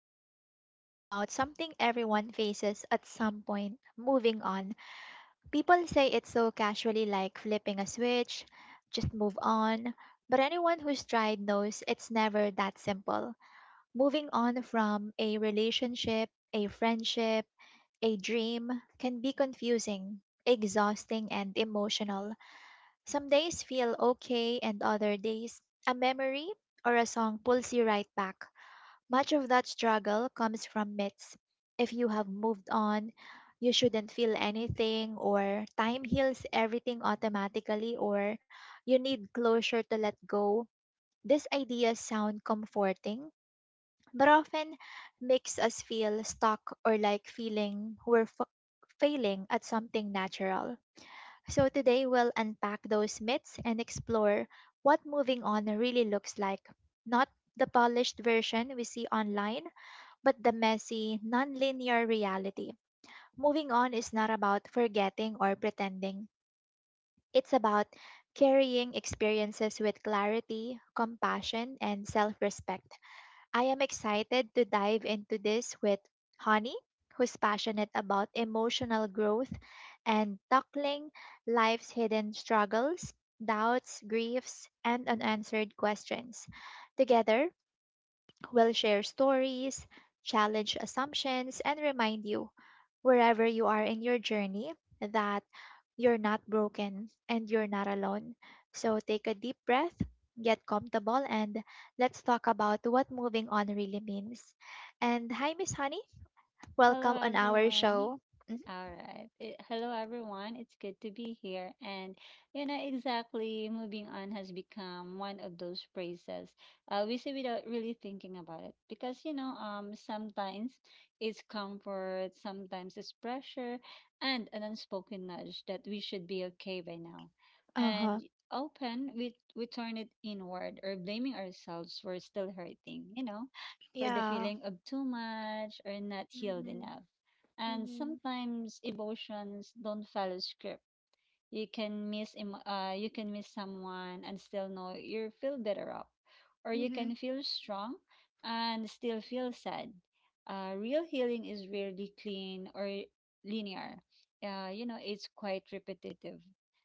We're talking about something everyone faces at some point, moving on. People say it so casually, like flipping a switch, just move on. But anyone who's tried knows it's never that simple. Moving on from a relationship, a friendship, a dream can be confusing, exhausting, and emotional. Some days feel okay, and other days, a memory or a song pulls you right back. Much of that struggle comes from myths. If you have moved on, you shouldn't feel anything, or time heals everything automatically, or you need closure to let go. These ideas sound comforting, but often makes us feel stuck or like feeling failing at something natural. So today we'll unpack those myths and explore what moving on really looks like, not the polished version we see online, but the messy, non-linear reality. Moving on is not about forgetting or pretending. It's about carrying experiences with clarity, compassion, and self-respect. I am excited to dive into this with Honey, who's passionate about emotional growth and tackling life's hidden struggles, doubts, griefs, and unanswered questions. Together, we'll share stories, challenge assumptions, and remind you, wherever you are in your journey, that you're not broken and you're not alone. So take a deep breath, get comfortable, and let's talk about what moving on really means. And hi, Miss Honey. Hello Welcome on our everyone. show. All right. Hello everyone. It's good to be here. And you know exactly, moving on has become one of those phrases we say without really thinking about it, because sometimes it's comfort, sometimes it's pressure and an unspoken nudge that we should be okay by now. Uh And huh. often we turn it inward or blaming ourselves for still hurting, you know, for the Yeah. feeling of too much or not healed Mm-hmm. enough, and Mm-hmm. sometimes emotions don't follow script. You can you can miss someone and still know you feel better up, or you Mm-hmm. can feel strong and still feel sad. Real healing is rarely clean or linear. You know, it's quite repetitive.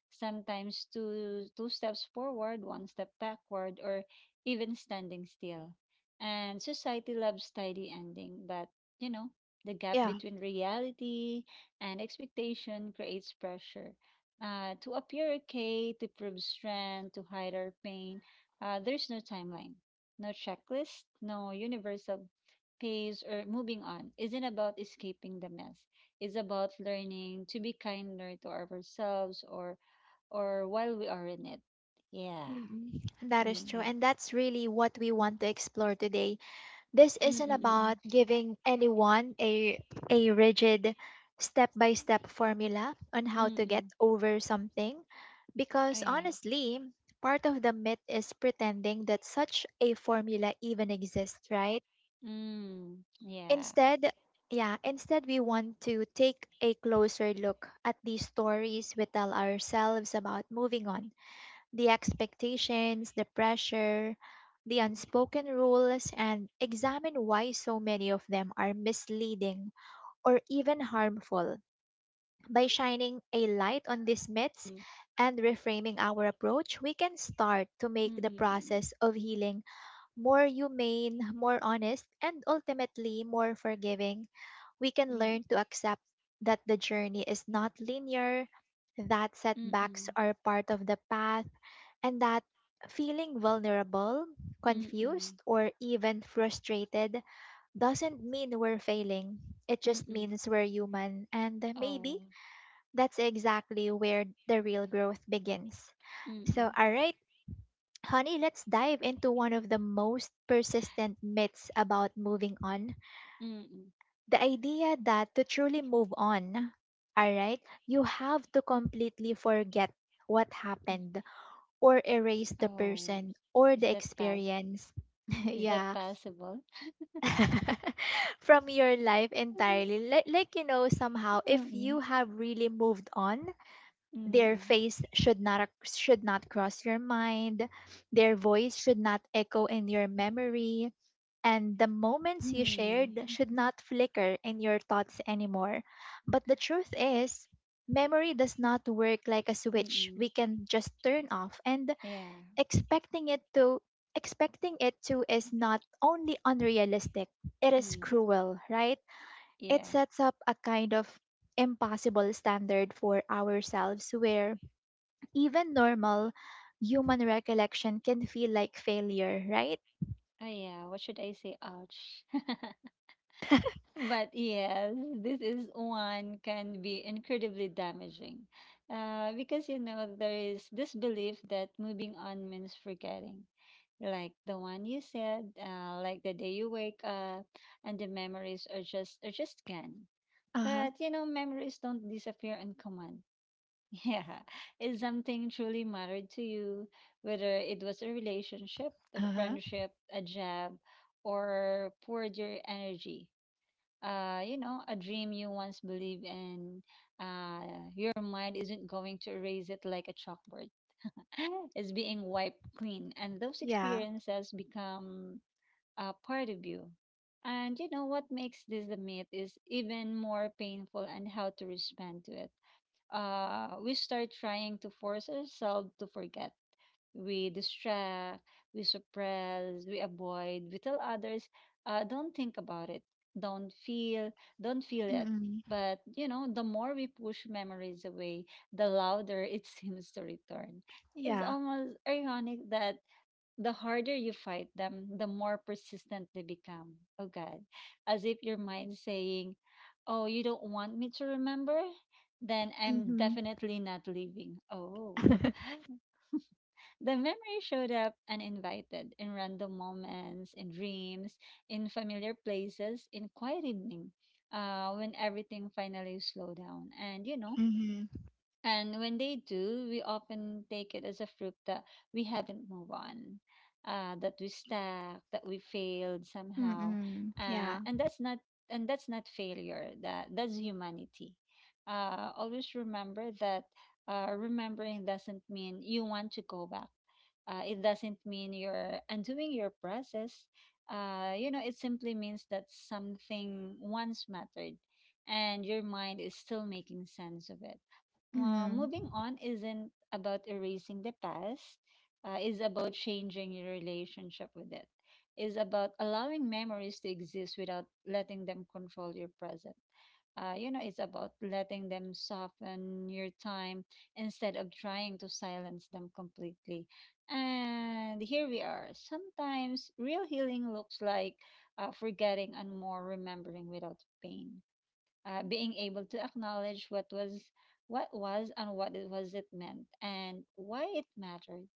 Sometimes two steps forward, one step backward, or even standing still. And society loves tidy ending, but you know, the gap Yeah. between reality and expectation creates pressure to appear okay, to prove strength, to hide our pain. There's no timeline, no checklist, no universal pace or moving on. Isn't about escaping the mess. It's about learning to be kinder to ourselves or while we are in it. Yeah. Mm-hmm. That is true. Mm. And that's really what we want to explore today. This Mm. isn't about Mm. giving anyone a rigid step by step formula on Mm. how to Mm, get mm. over something, Oh, because yeah. honestly, part of the myth is pretending that such a formula even exists, right? Mm. Yeah. Instead, yeah, instead, we want to take a closer look at these stories we tell ourselves about moving on, the expectations, the pressure, the unspoken rules, and examine why so many of them are misleading or even harmful. By shining a light on these myths Mm. and reframing our approach, we can start to make Mm. the Mm. process of healing more humane, more honest, and ultimately more forgiving. We can Mm. learn to accept that the journey is not linear, that Mm. setbacks Mm. are part of the path, and that feeling vulnerable, Mm. Mm. confused, or even frustrated doesn't mean we're failing. It Mm. just Mm. means we're human. And maybe Oh. that's exactly where the real growth begins. So, Mm. all right, honey, let's dive into one of the most persistent myths about moving on, Mm. Mm. the idea that to truly move on, all right, you have to completely forget what Mm. happened, or erase the Oh, person or is the that pass? experience Is that yeah possible? from your life Mm-mm. entirely, like, like somehow if Mm-mm. you have really moved on, their face should not cross your mind, their voice should not echo in your memory, and the moments you Mm-mm. shared should not flicker in your thoughts anymore. But the truth is, memory does not work like a switch Mm-mm. we can just turn off, and Yeah. expecting it to expecting it to is not only unrealistic, it is Mm. cruel, right? It Yeah. sets up a kind of impossible standard for ourselves where even normal human recollection can feel like failure, right? Oh, yeah. What should I say? Ouch. But yes, this is one can be incredibly damaging. Because you know, there is this belief that moving on means forgetting. Like the one you said, like the day you wake up and the memories are just gone. Uh-huh. But you know, memories don't disappear on command. Yeah, it's something truly mattered to you, whether it was a relationship, a Uh-huh. friendship, a job, or poured your energy. You know, a dream you once believed in. Your mind isn't going to erase it like a chalkboard. It's being wiped clean, and those Yeah. experiences become part of you. And you know what makes this the myth is even more painful and how to respond to it. We start trying to force ourselves to forget. We distract, we suppress, we avoid, we tell others, don't think about it, don't feel, don't feel it. Mm-mm. But you know, the more we push memories away, the louder it seems to return. It's Yeah. almost ironic that the harder you fight them, the more persistent they become. Oh God. As if your mind saying, oh, you don't want me to remember? Then I'm Mm-hmm. definitely not leaving. Oh. The memory showed up uninvited in random moments, in dreams, in familiar places, in quiet evening, when everything finally slowed down. And you know, Mm-hmm. and when they do, we often take it as a fruit that we haven't moved on, that we stuck, that we failed somehow, Mm-mm. Yeah. and that's not failure. That's humanity. Always remember that remembering doesn't mean you want to go back. It doesn't mean you're undoing your process. You know, it simply means that something once mattered, and your mind is still making sense of it. Moving Mm-hmm. on isn't about erasing the past. Is about changing your relationship with it. Is about allowing memories to exist without letting them control your present. You know, it's about letting them soften your time instead of trying to silence them completely. And here we are, sometimes real healing looks like forgetting and more remembering without pain. Being able to acknowledge what was and what it was it meant and why it mattered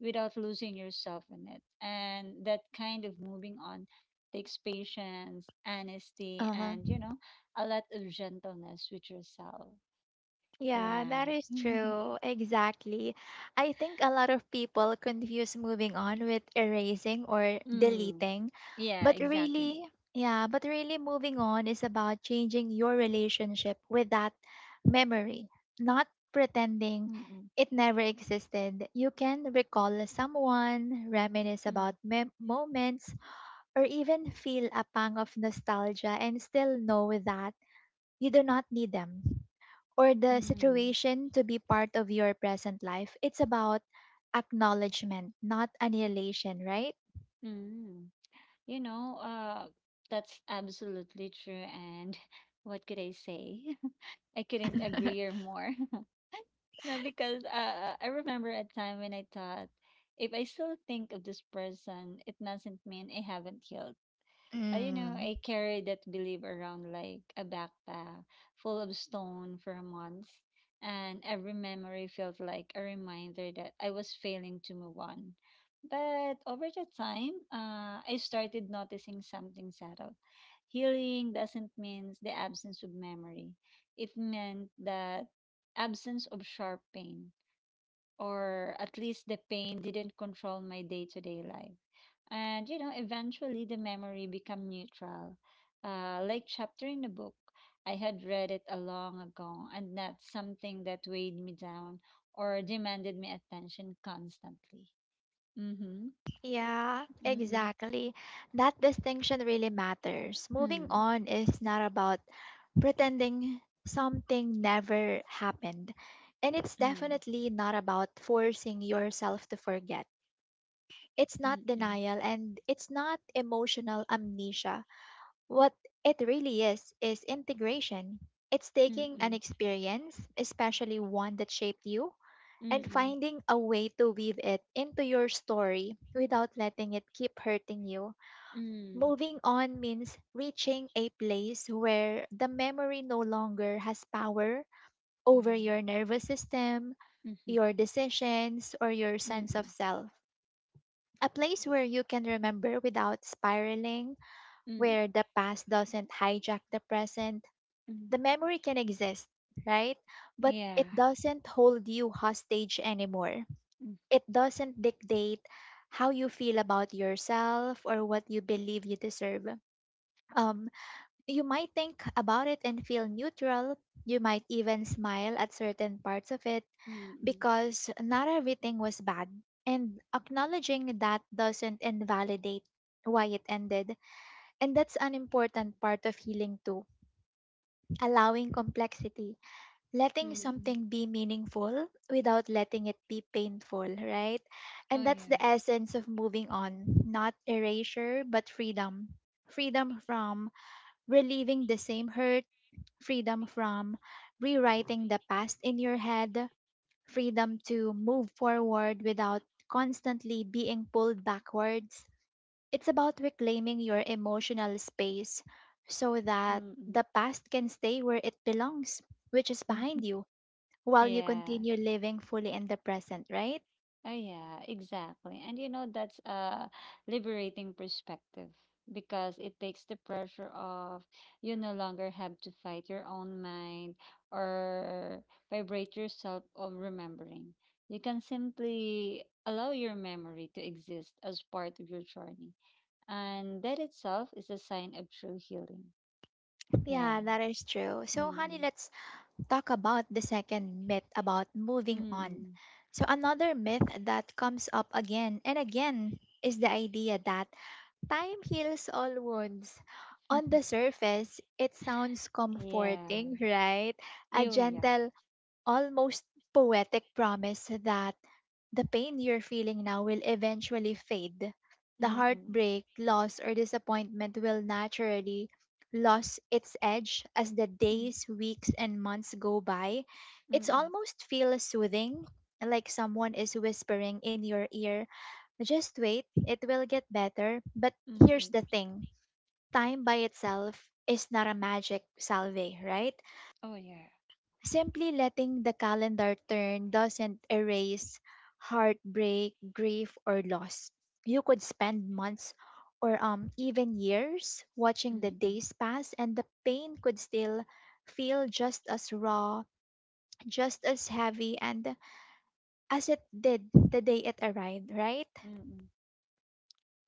without losing yourself in it. And that kind of moving on takes patience, honesty, and Uh-huh. you know, a lot of gentleness with yourself. Yeah, Yeah. that is true. Exactly. I think a lot of people confuse moving on with erasing or Mm. deleting. Yeah, But exactly. really, yeah, but really, moving on is about changing your relationship with that memory, not pretending Mm-mm. it never existed. You can recall someone, reminisce about Mm. Moments, or even feel a pang of nostalgia and still know that you do not need them or the Mm. situation to be part of your present life. It's about acknowledgement, not annihilation, right? Mm. You know, that's absolutely true. And what could I say? I couldn't agree or more. No, because I remember a time when I thought, if I still think of this person, it doesn't mean I haven't healed. You know, I carried that belief around like a backpack full of stone for months, and every memory felt like a reminder that I was failing to move on. But over the time, I started noticing something subtle. Healing doesn't mean the absence of memory. It meant that absence of sharp pain, or at least the pain didn't control my day to day life. And you know, eventually the memory became neutral, like chapter in a book. I had read it a long ago and not something that weighed me down or demanded my attention constantly. Mm-hmm. Yeah, Mm-mm. exactly. That distinction really matters. Moving Mm. on is not about pretending something never happened. And it's Mm. definitely not about forcing yourself to forget. It's not Mm-mm. denial and it's not emotional amnesia. What it really is integration. It's taking an Mm-mm. experience, especially one that shaped you, and Mm-mm. Mm. finding a way to weave it into your story without letting it keep hurting you. Mm, mm. Moving on means reaching a place where the memory no longer has power over Oh. your nervous system, Mm-hmm. your decisions, or your sense of Mm-mm. self. A place where you can remember without spiraling, where the past doesn't hijack the present. Mm-mm. The memory can exist, right? But Yeah. it doesn't hold you hostage anymore. Mm. It doesn't dictate how you feel about yourself or what you believe you deserve. Um, you might think about it and feel neutral. You might even smile at certain parts of it, Mm-mm. because not everything was bad. And acknowledging that doesn't invalidate why it ended. And that's an important part of healing too, allowing complexity, letting Mm-mm. something be meaningful without letting it be painful, right? Oh, And that's the yeah. essence of moving on, not erasure, but freedom. Freedom from relieving the same hurt, freedom from rewriting the past in your head, freedom to move forward without constantly being pulled backwards. It's about reclaiming your emotional space so that Mm-mm. the past can stay where it belongs, which is behind you, while you Yeah. continue living fully in the present, right? Oh, yeah, exactly. And you know, that's a liberating perspective because it takes the pressure off. You no longer have to fight your own mind or vibrate yourself of remembering. You can simply allow your memory to exist as part of your journey. And that itself is a sign of true healing. Yeah, Yeah. that is true. So, honey, Mm-mm. let's talk about the second myth about moving on. Mm-mm. So, another myth that comes up again and again is the idea that time heals all wounds. On the surface, it sounds Yeah. comforting, right? A Oh, yeah. gentle, almost poetic promise that the pain you're feeling now will eventually fade. The Mm-mm. heartbreak, loss, or disappointment will naturally lose its edge as the days, weeks, and months go by. It's Mm, almost feel soothing, like someone is whispering in your ear, just wait, it will get better. But here's the mm-mm. thing, time by itself is not a magic salve, right? Oh, yeah. Simply letting the calendar turn doesn't erase heartbreak, grief, or loss. You could spend months or even years watching the Mm-mm. days pass, and the pain could still feel just as raw, just as heavy, and as it did the day it arrived, right? Mm-mm.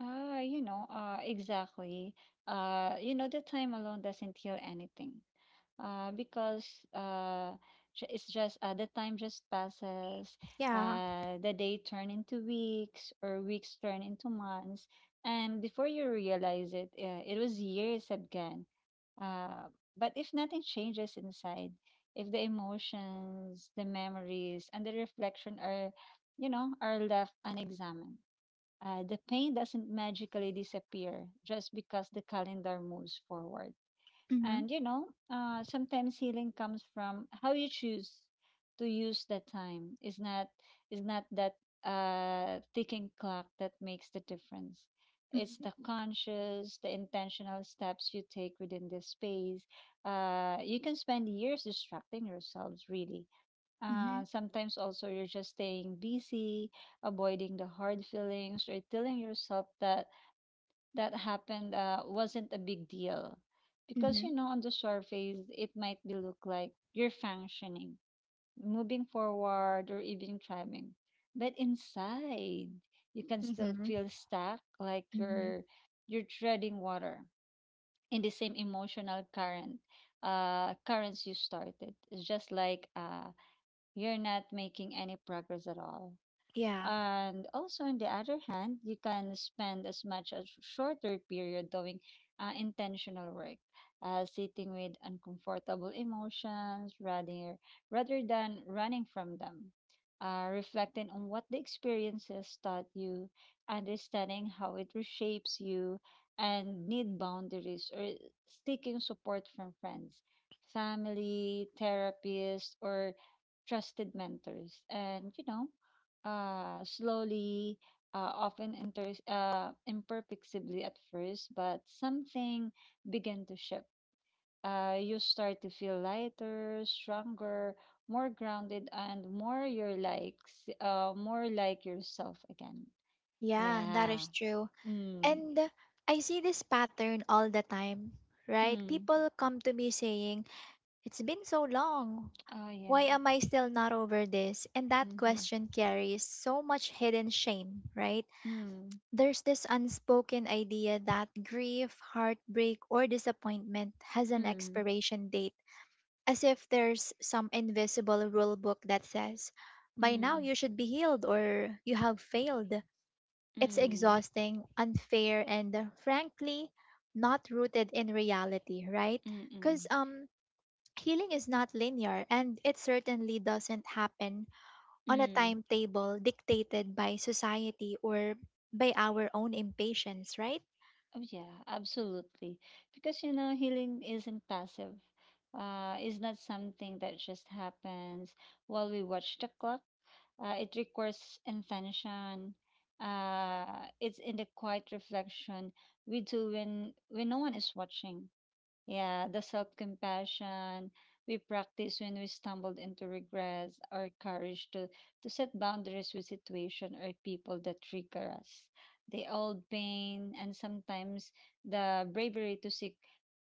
You know, exactly. You know, the time alone doesn't heal anything. Uh, because uh, ju- it's just uh, the time just passes. Yeah. The day turn into weeks, or weeks turn into months, and before you realize it, it was years again. Uh, but if nothing changes inside, if the emotions, the memories, and the reflection are, you know, are left unexamined, the pain doesn't magically disappear just because the calendar moves forward. Mm-hmm. And you know, sometimes healing comes from how you choose to use that time. Is not that ticking clock that makes the difference. It's Mm-hmm. the conscious, the intentional steps you take within this space. You can spend years distracting yourselves, really. Mm-hmm. Sometimes also you're just staying busy, avoiding the hard feelings, or telling yourself that that happened wasn't a big deal, because Mm-hmm. you know on the surface it might be look like you're functioning, moving forward, or even thriving, but inside you can still Mm-hmm. feel stuck, like Mm-hmm. you're treading water in the same emotional current, currents you started. It's just like you're not making any progress at all. Yeah. And also, on the other hand, you can spend as much as shorter period doing intentional work, sitting with uncomfortable emotions rather than running from them. Reflecting on what the experiences taught you, understanding how it reshapes you, and need boundaries or seeking support from friends, family, therapists, or trusted mentors. And you know, slowly, often imperfectly at first, but something began to shift. You start to feel lighter, stronger, more grounded, and more your likes, more like yourself again. Yeah, that Yeah. is true. Mm. And I see this pattern all the time, right? Mm. People come to me saying, it's been so long. Oh, yeah. Why am I still not over this? And that Mm-hmm. question carries so much hidden shame, right? Mm. There's this unspoken idea that grief, heartbreak, or disappointment has an Mm. expiration date, as if there's some invisible rule book that says, by now Mm. you should be healed or you have failed. Mm. It's Mm. exhausting, unfair, and frankly, not rooted in reality, right? Because Mm. Healing is not linear, and it certainly doesn't happen on a Mm. timetable dictated by society or by our own impatience, right? Oh, yeah, absolutely. Because you know, healing isn't passive. It's not something that just happens while we watch the clock. It requires intention. It's in the quiet reflection we do when no one is watching. Yeah, the self-compassion we practice when we stumbled into regrets, our courage to set boundaries with situation or people that trigger us, the old pain, and sometimes the bravery to seek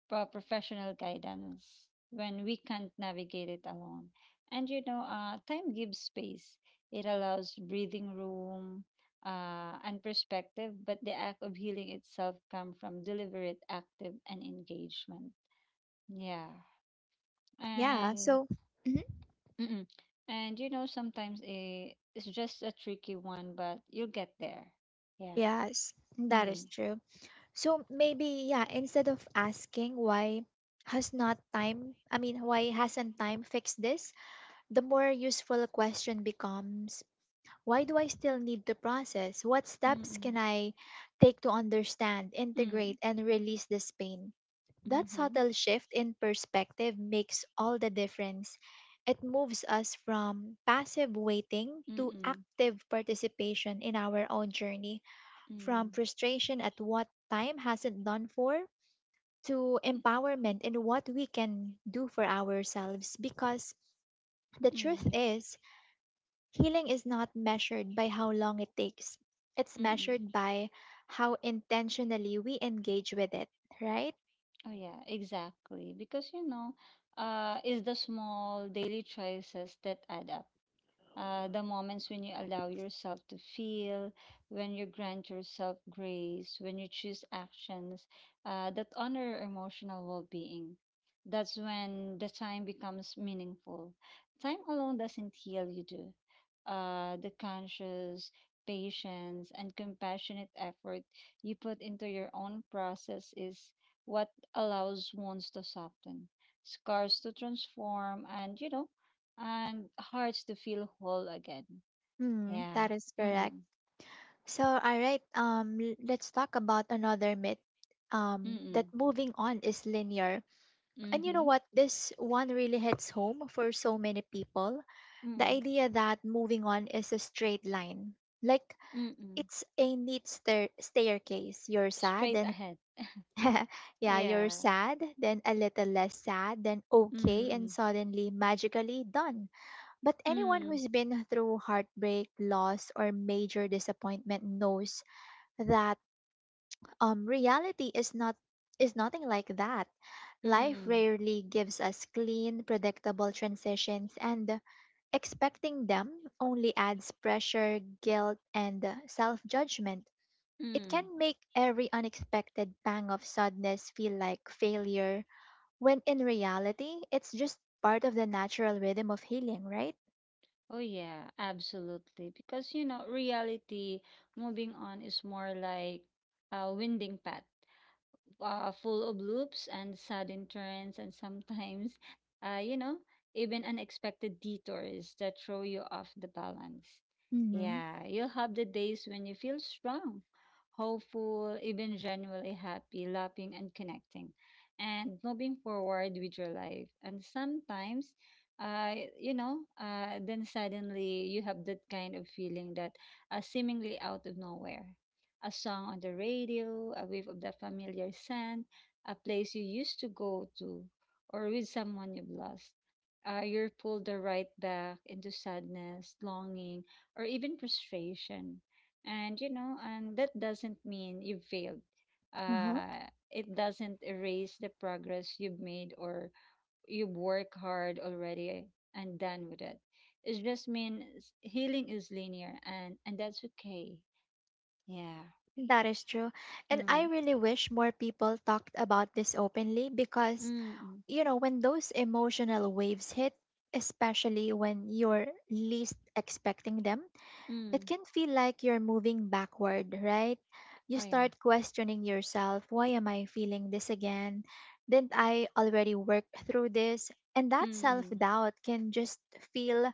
professional guidance when we can't navigate it alone. And you know, time gives space. It allows breathing room and perspective, but the act of healing itself comes from deliberate, active, and engagement. Yeah. Yeah, And so, mhm. mm-mm. And you know, sometimes it's just a tricky one, but you'll get there. Yeah. Yes, that is Mm. true. So maybe, yeah, instead of asking why hasn't time fixed this, the more useful question becomes, why do I still need to process? What steps can Mm-mm. I take to understand, Mm. integrate, and release this pain? That Mm-hmm. subtle shift in perspective makes all the difference. It moves us from passive waiting to Mm-mm. active participation in our own journey. From Mm. frustration at what time hasn't done for to empowerment in what we can do for ourselves, because the truth Mm. is, healing is not measured by how long it takes. It's Mm-mm. measured by how intentionally we engage with it, right? Oh, yeah, exactly. Because you know, it's the small daily choices that add up. The moments when you allow yourself to feel, when you grant yourself grace, when you choose actions that honor emotional well being. That's when the time becomes meaningful. Time alone doesn't heal you, do. The conscious, patience, and compassionate effort you put into your own process is what allows wounds to soften, scars to transform, and you know, and hearts to feel whole again. Hmm, that Yeah. is correct. Mm-mm. So, all right, let's talk about another myth, that Mm-mm. moving on is linear. And you know Mm-hmm. what? This one really hits home for so many people. The Mm-mm. Mm. idea that moving on is a straight line, like Mm-mm. it's a neat staircase. You're sad, Straight then ahead. yeah, you're Yeah. sad, then a little less sad, then okay, and Mm-mm. suddenly magically done. But anyone Mm-mm. who's been through heartbreak, loss, or major disappointment knows that reality is nothing like that. Life Mm-mm. rarely gives us clean, predictable transitions, and expecting them only adds pressure, guilt, and self judgment. It Mm. can make every unexpected pang of sadness feel like failure, when in reality, it's just part of the natural rhythm of healing, right? Oh, yeah, absolutely. Because you know, reality, moving on is more like a winding path. Full of loops and sudden turns, and sometimes, you know, even unexpected detours that throw you off the balance. Mm-hmm. Yeah, you'll have the days when you feel strong, hopeful, even genuinely happy, laughing, and connecting, and moving forward with your life. And sometimes, then suddenly you have that kind of feeling that seemingly out of nowhere, a song on the radio, a wave of the familiar scent, a place you used to go to, or with someone you've lost. You're pulled the right back into sadness, longing, or even frustration. And you know, and that doesn't mean you failed. Uh-huh. It doesn't erase the progress you've made or you work hard already and done with it. It just means healing is linear and that's okay. Yeah. That is true. And I Mm. really wish more people talked about this openly because, Mm, you know, when those emotional waves hit, especially when you're least expecting them, it mm. can feel like you're moving backward, right? You Oh, yeah. start questioning yourself, why am I feeling this again? Didn't I already work through this? And that Mm, self mm. doubt can just feel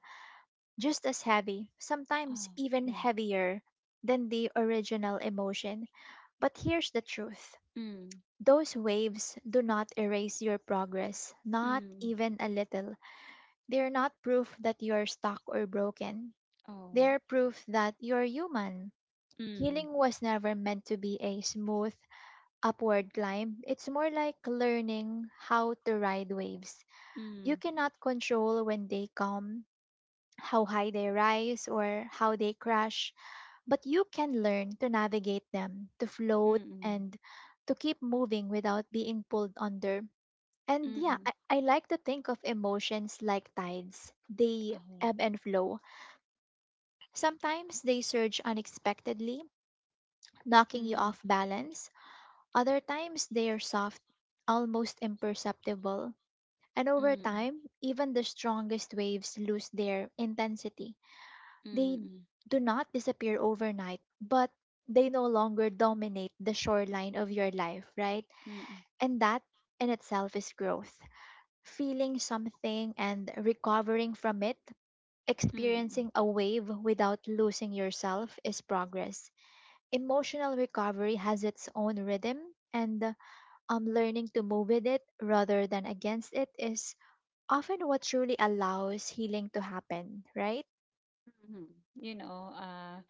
just as heavy, sometimes Oh, even yeah. heavier than the original emotion. But here's the truth, Mm, those waves do not erase your progress, not mm. even a little. They're not proof that you're stuck or broken. Oh, They're proof that you're human. Mm, Healing was never meant to be a smooth upward climb. It's more like learning how to ride waves. You mm. cannot control when they come, how high they rise, or how they crash, but you can learn to navigate them, to float, Mm, mm. and to keep moving without being pulled under. And Mm, yeah, I, mm. I like to think of emotions like tides. They Oh, ebb and flow. Sometimes they surge unexpectedly, knocking you mm, off balance. Other times they are soft, almost imperceptible, and over mm. time, even the strongest waves lose their intensity. They Mm, mm. do not disappear overnight, but they no longer dominate the shoreline of your life, right? Mm, mm. And that in itself is growth. Feeling something and recovering from it, Mm, mm. experiencing a wave without losing yourself is progress. Emotional recovery has its own rhythm and learning to move with it rather than against it is often what truly allows healing to happen, right? Mhm. You know, uh,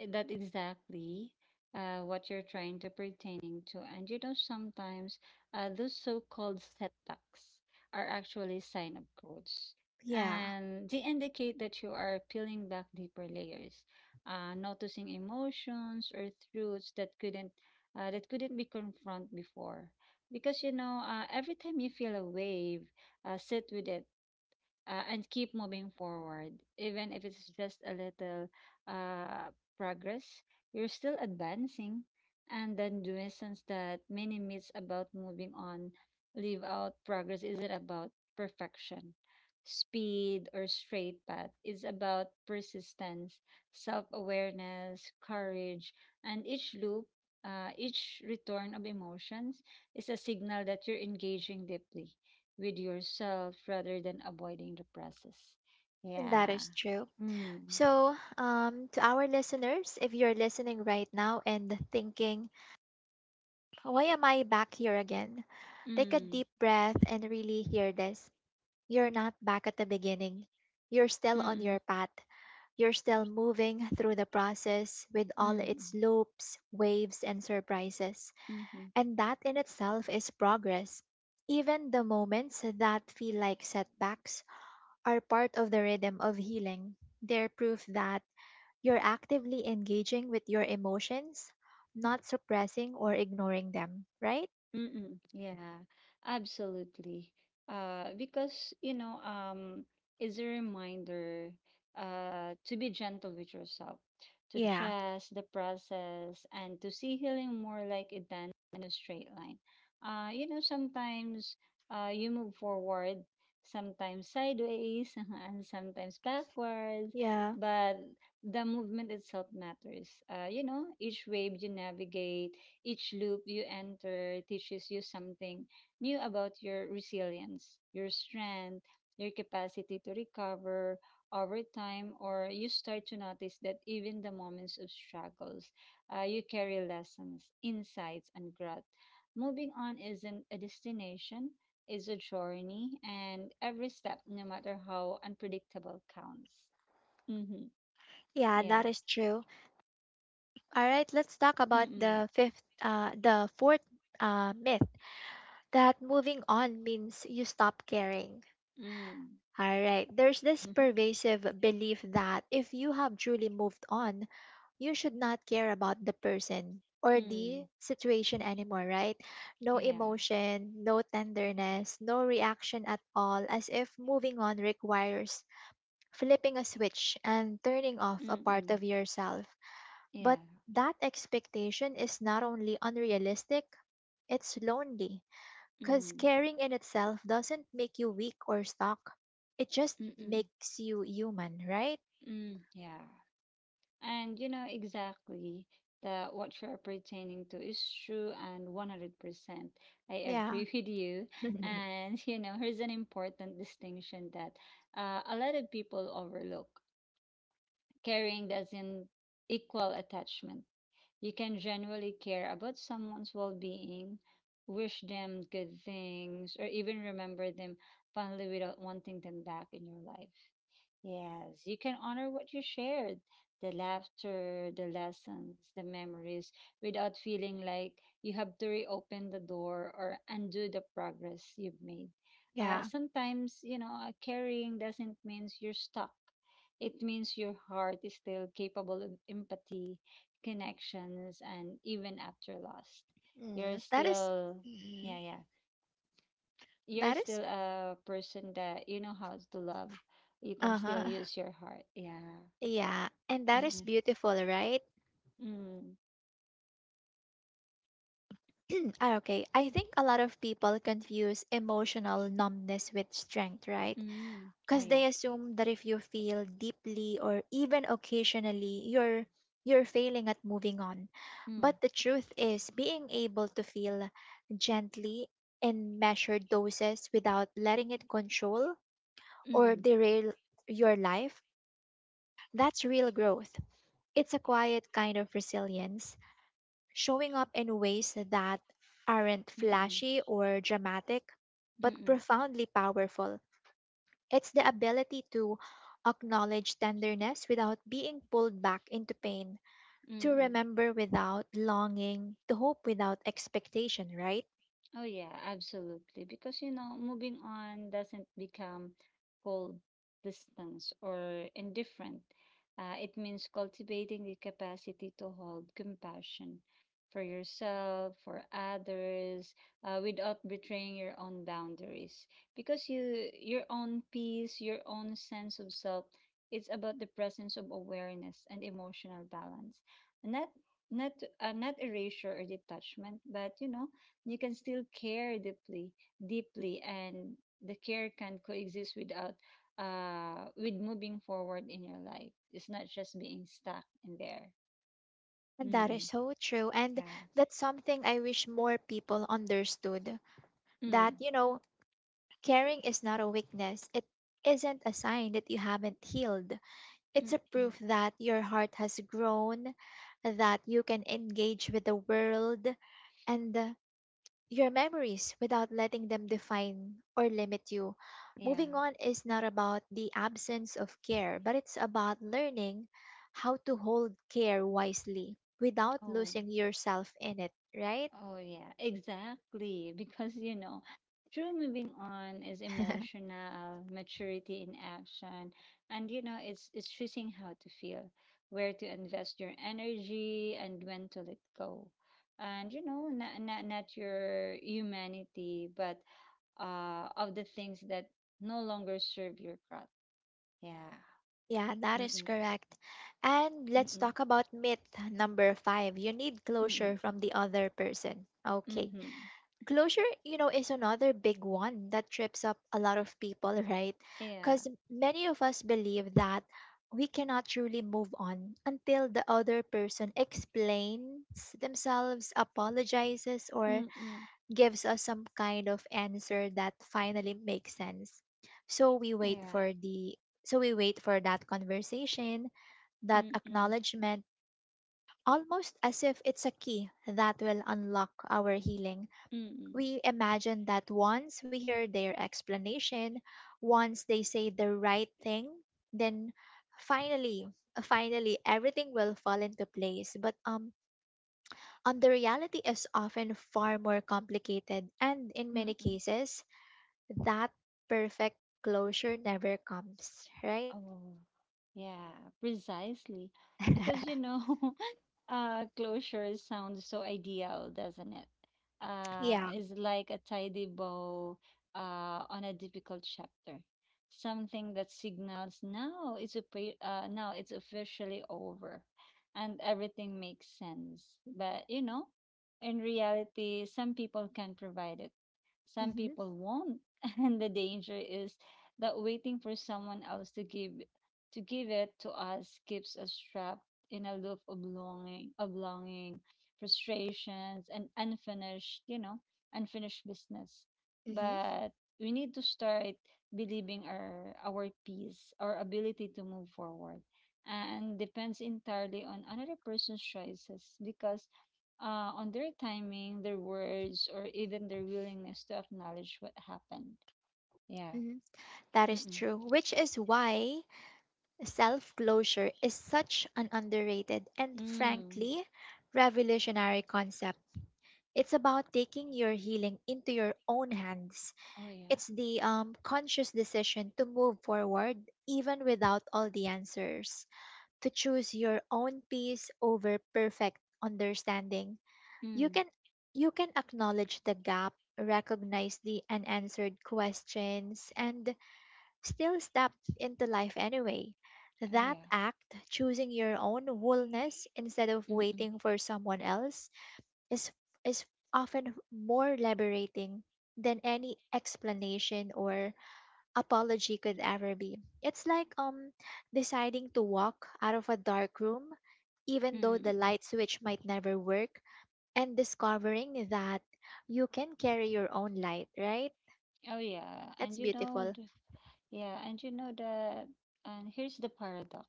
that exactly what you're trying to pertaining to. And you know, sometimes those so-called setbacks are actually sign of growth. Yeah, And they indicate that you are peeling back deeper layers, noticing emotions or truths that couldn't be confronted before. Because you know, every time you feel a wave, sit with it, and keep moving forward. Even if it's just a little uh, progress, you're still advancing. And then the essence that many myths about moving on leave out, progress isn't about perfection, speed, or straight path. It's about persistence, self awareness, courage, and each loop. Each return of emotions is a signal that you're engaging deeply with yourself rather than avoiding the process. Yeah. that is true. Mm. So, to our listeners, if you're listening right now and thinking, why am I back here again? Take a Mm. deep breath and really hear this. You're not back at the beginning. You're still on your Mm. path. You're still moving through the process with all Mm. its loops, waves, and surprises. Mm. And that in itself is progress. Even the moments that feel like setbacks are part of the rhythm of healing. They're proof that you're actively engaging with your emotions, not suppressing or ignoring them, right? Mm-mm. Yeah, absolutely. Because it's a reminder to be gentle with yourself, to Yeah. trust the process, and to see healing more like a dance than a straight line. Sometimes you move forward, sometimes sideways, and sometimes backwards, Yeah. but the movement itself matters. You know, each wave you navigate, each loop you enter teaches you something new about your resilience, your strength, your capacity to recover over time, or you start to notice that even the moments of struggles, you carry lessons, insights, and growth. Moving on isn't a destination, it's a journey, and every step, no matter how unpredictable, counts. Mm-hmm. Yeah, that Yeah. is true. All right, let's talk about Mm-mm. the fourth myth, that moving on means you stop caring. Mm. All right. There's this pervasive belief that if you have truly moved on, you should not care about the person or Mm. the situation anymore, right? No Yeah. emotion, no tenderness, no reaction at all, as if moving on requires flipping a switch and turning off a part Mm-mm. of yourself. Yeah. But that expectation is not only unrealistic, it's lonely because Mm. caring in itself doesn't make you weak or stuck, it just Mm-mm. makes you human, right? Mm. Mm, yeah. And you know exactly that what you're pertaining to is true and 100%. I Yeah. agree with you. And you know, here's an important distinction that a lot of people overlook. Caring doesn't equal attachment. You can genuinely care about someone's well being, wish them good things, or even remember them fondly without wanting them back in your life. Yes, you can honor what you shared, the laughter, the lessons, the memories, without feeling like you have to reopen the door or undo the progress you've made. Yeah. Sometimes, you know, carrying doesn't mean you're stuck. It means your heart is still capable of empathy, connections, and even after lost, you're Mm, that is, still, mm, yeah, yeah, you're that is, still a person that you know how to love. You can still uh-huh. use your heart. Yeah. Yeah, and that is Mm, beautiful, right? mm, Ah, okay, I think a lot of people confuse emotional numbness with strength, right? mm, mm. Oh, Because yeah. they assume that if you feel deeply or even occasionally you're failing at moving on, Mm, but the truth is being able to feel gently, in measured doses, without letting it control or mm, derail your life, that's real growth. It's a quiet kind of resilience, showing up in ways that aren't mm, flashy or dramatic mm, but mm, profoundly powerful. It's the ability to acknowledge tenderness without being pulled back into pain, to mm. remember without longing, to hope without expectation, right? Oh yeah, absolutely. Because you know, moving on doesn't become cold, distance, or indifferent. It means cultivating the capacity to hold compassion for yourself, for others, without betraying your own boundaries. Because you, your own peace, your own sense of self, it's about the presence of awareness and emotional balance, not not not erasure or detachment, but you know, you can still care deeply and the care can coexist without with moving forward in your life. It's not just being stuck in there. And that is Mm, so true. And yeah. that's something I wish more people understood, that, Mm, you know, caring is not a weakness. It isn't a sign that you haven't healed. It's mm, a mm, proof that your heart has grown, that you can engage with the world, and your memories, without letting them define or limit you. yeah, Moving on is not about the absence of care, but it's about learning how to hold care wisely without oh. losing yourself in it, right? Oh, yeah, exactly. Because, you know, true moving on is emotional maturity in action. And, you know, it's choosing how to feel, where to invest your energy, and when to let go. And, you know, not your humanity, but of the things that no longer serve your growth. Yeah. Yeah, that is Mm-mm. correct. And let's Mm-mm. talk about myth number five. You need closure Mm-mm. from the other person. Okay. Mm-hmm. Closure, you know, is another big one that trips up a lot of people, right? Yeah. Because many of us believe that we cannot truly move on until the other person explains themselves, apologizes, or Mm-mm. gives us some kind of answer that finally makes sense. So we wait Yeah. for the so we wait for that conversation, that Mm-mm. acknowledgement, almost as if it's a key that will unlock our healing. Mm-mm. We imagine that once we hear their explanation, once they say the right thing, then finally, finally, everything will fall into place. But the reality is often far more complicated, and in many Mm-mm. cases, that perfect closure never comes, right? Oh, yeah, precisely. Because, you know, closure sounds so ideal, doesn't it? Yeah. It's like a tidy bow on a difficult chapter, something that signals now it's officially over, and everything makes sense. But you know, in reality, some people can provide it, some Mm-hmm. people won't, and the danger is that waiting for someone else to give it to us keeps us trapped in a loop of longing, frustrations, and unfinished, you know, unfinished business. Mm-hmm. But we need to start believing our peace, our ability to move forward, and depends entirely on another person's choices, because on their timing, their words, or even their willingness to acknowledge what happened. Yeah. Mm-hmm. That is Mm-mm. true, which is why self closure is such an underrated and Mm. frankly revolutionary concept. It's about taking your healing into your own hands. Oh yeah. It's the conscious decision to move forward even without all the answers, to choose your own peace over perfect understanding. You Mm. can you can acknowledge the gap, recognize the unanswered questions, and still stepped into life anyway. Oh That yeah. act, choosing your own wholeness instead of Mm-mm. waiting for someone else, is, is often more liberating than any explanation or apology could ever be. It's like deciding to walk out of a dark room even though the Mm-mm. light switch might never work, and discovering that you can carry your own light, right? Oh yeah, and That's you know, beautiful. the, yeah, and you know the, and here's the paradox.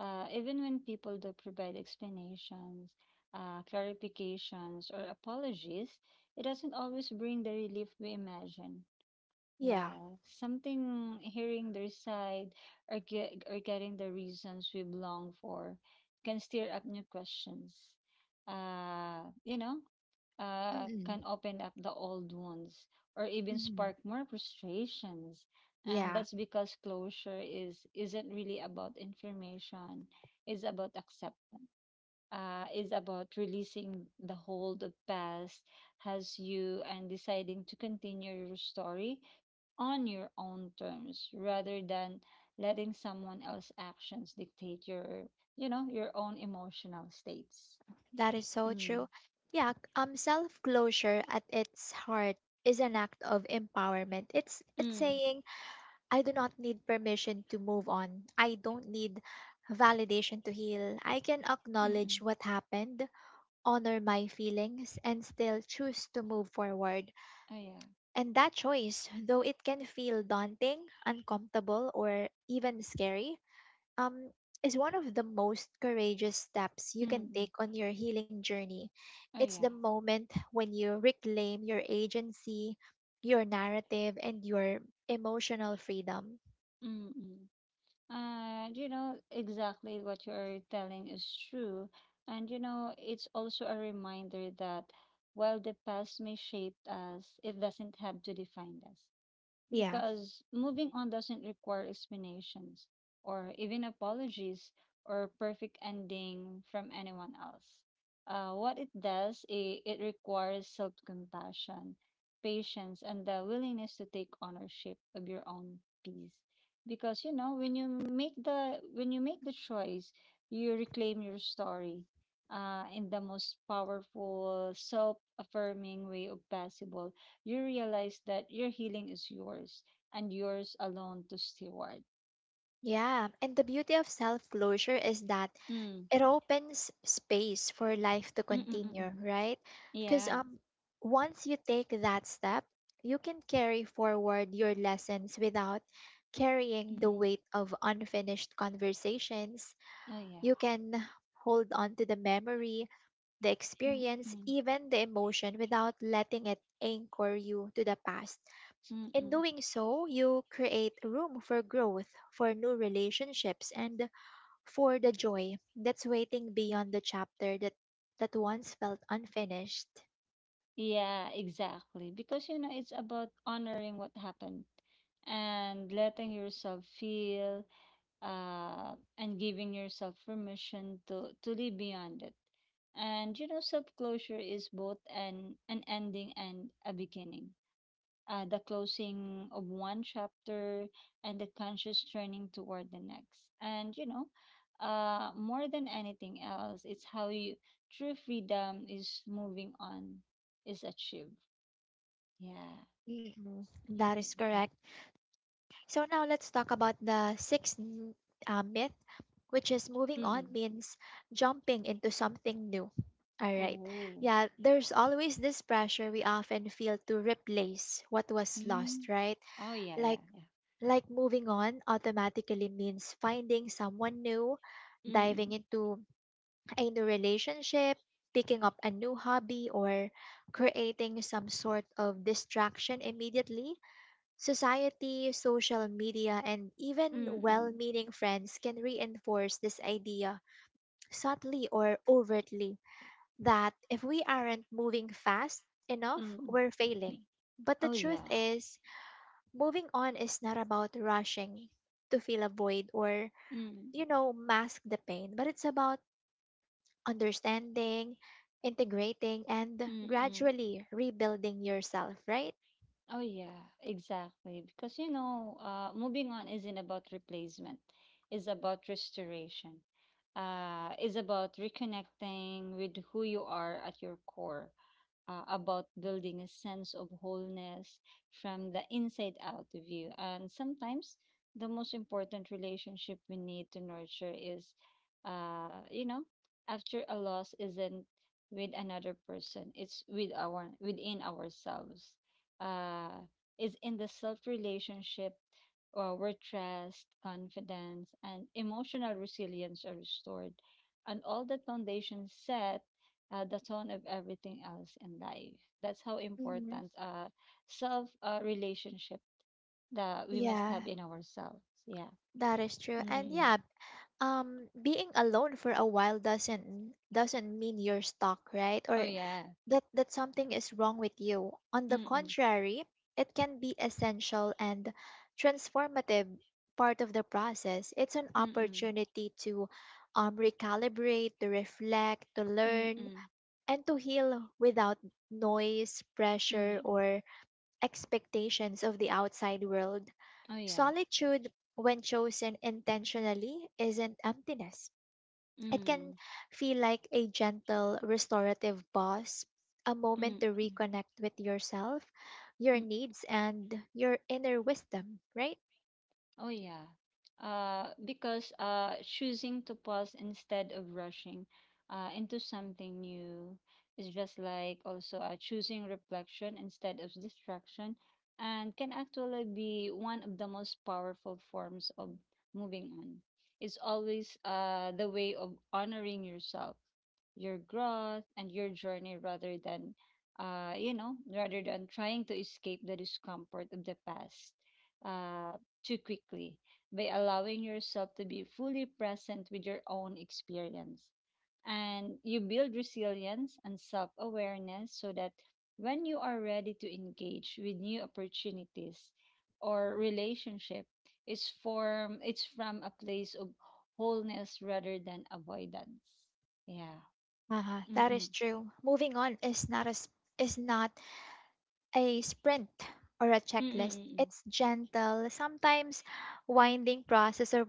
Even when people do provide explanations, clarifications, or apologies, it doesn't always bring the relief we imagine. Yeah. Yeah, something hearing their side, or getting the reasons we've longed for can stir up new questions. Uh, you know, Mm-mm. can open up the old wounds or even Mm-hmm. spark more frustrations. And Yeah. that's because closure is isn't really about information. It's about acceptance. Is about releasing the hold of past has you and deciding to continue your story on your own terms rather than letting someone else's actions dictate your, you know, your own emotional states. That is so Mm. true. Yeah, self closure at its heart is an act of empowerment. It's Mm. saying, I do not need permission to move on. I don't need validation to heal. I can acknowledge Mm-mm. what happened, honor my feelings, and still choose to move forward. Oh yeah. And that choice, though it can feel daunting, uncomfortable, or even scary, um, is one of the most courageous steps you can Mm-mm. take on your healing journey. Oh It's the yeah. moment when you reclaim your agency, your narrative, and your emotional freedom. Mm-mm. And you know, exactly what you are telling is true. And you know, it's also a reminder that while the past may shape us, it doesn't have to define us. Yeah. Because moving on doesn't require explanations or even apologies or perfect ending from anyone else. What it does, it requires self compassion, patience, and the willingness to take ownership of your own peace. Because you know, when you make the when you make the choice, you reclaim your story in the most powerful, self affirming way of possible. You realize that your healing is yours and yours alone to steward. Yeah. And the beauty of self closure is that Mm. it opens space for life to continue, Mm-mm-mm. right? Because Yeah. Once you take that step, you can carry forward your lessons without carrying the Mm. weight of unfinished conversations. Oh, yeah. You can hold on to the memory, the experience, Mm-mm. even the emotion, without letting it anchor you to the past. In Mm-mm. doing so, you create room for growth, for new relationships, and for the joy that's waiting beyond the chapter that once felt unfinished. Yeah, exactly. Because, you know, it's about honoring what happened and letting yourself feel uh, and giving yourself permission to live beyond it. And, you know, self closure is both an ending and a beginning. The closing of one chapter, and the conscious turning toward the next. And, you know, more than anything else, it's how you true freedom is moving on, is achieved. Yeah. Mm-mm, that is Mm-mm. correct. So now let's talk about the myth, which is moving on Mm-mm. means jumping into something new. All right. Oh. Yeah, there's always this pressure we often feel to replace what was lost, Mm. right? Oh, yeah, Like yeah, yeah. like moving on automatically means finding someone new, Mm-mm. diving into a new relationship, picking up a new hobby, or creating some sort of distraction immediately. Society, social media, and even well Mm-mm. meaning friends can reinforce this idea, subtly or overtly, that if we aren't moving fast enough, Mm-mm. we're failing. But the Oh, truth yeah. is, moving on is not about rushing to fill a void or, Mm-mm. you know, mask the pain, but it's about understanding, integrating, and Mm-mm. gradually rebuilding yourself, right? Oh, yeah, exactly. Because, you know, moving on isn't about replacement, it's about restoration, it's about reconnecting with who you are at your core, about building a sense of wholeness from the inside out of you. And sometimes the most important relationship we need to nurture is, you know, after a loss, isn't with another person, it's with our within ourselves. Uh, is in the self relationship or where trust, confidence, and emotional resilience are restored. And all that foundation set the tone of everything else in life. That's how Hmm. important self relationship that we must Yeah, have in ourselves. Yeah. that is true. And Mm-mm. yeah, being alone for a while doesn't mean you're stuck, right, Oh or yeah. that that something is wrong with you. On the Mm-mm. contrary, it can be essential and transformative part of the process. It's an Mm-mm. opportunity to recalibrate, to reflect, to learn, Mm-mm. and to heal without noise, pressure, Mm-mm. or expectations of the outside world. Oh yeah. Solitude, when chosen intentionally, isn't emptiness. It can Mm-mm. feel like a gentle, restorative pause, a moment to reconnect with yourself, your needs, and your inner wisdom, right? Oh yeah. Because choosing to pause instead of rushing into something new is just like also choosing reflection instead of distraction, and can actually be one of the most powerful forms of moving on. It's always the way of honoring yourself, your growth, and your journey rather than, you know, rather than trying to escape the discomfort of the past. Uh, Too quickly, by allowing yourself to be fully present with your own experience. And you build resilience and self awareness so that when you are ready to engage with new opportunities or relationship, it's from a place of wholeness rather than avoidance. Yeah. Uh-huh. That Mm-mm. is true. Moving on is not as is not a sprint or a checklist. Mm-mm. It's gentle, sometimes winding process of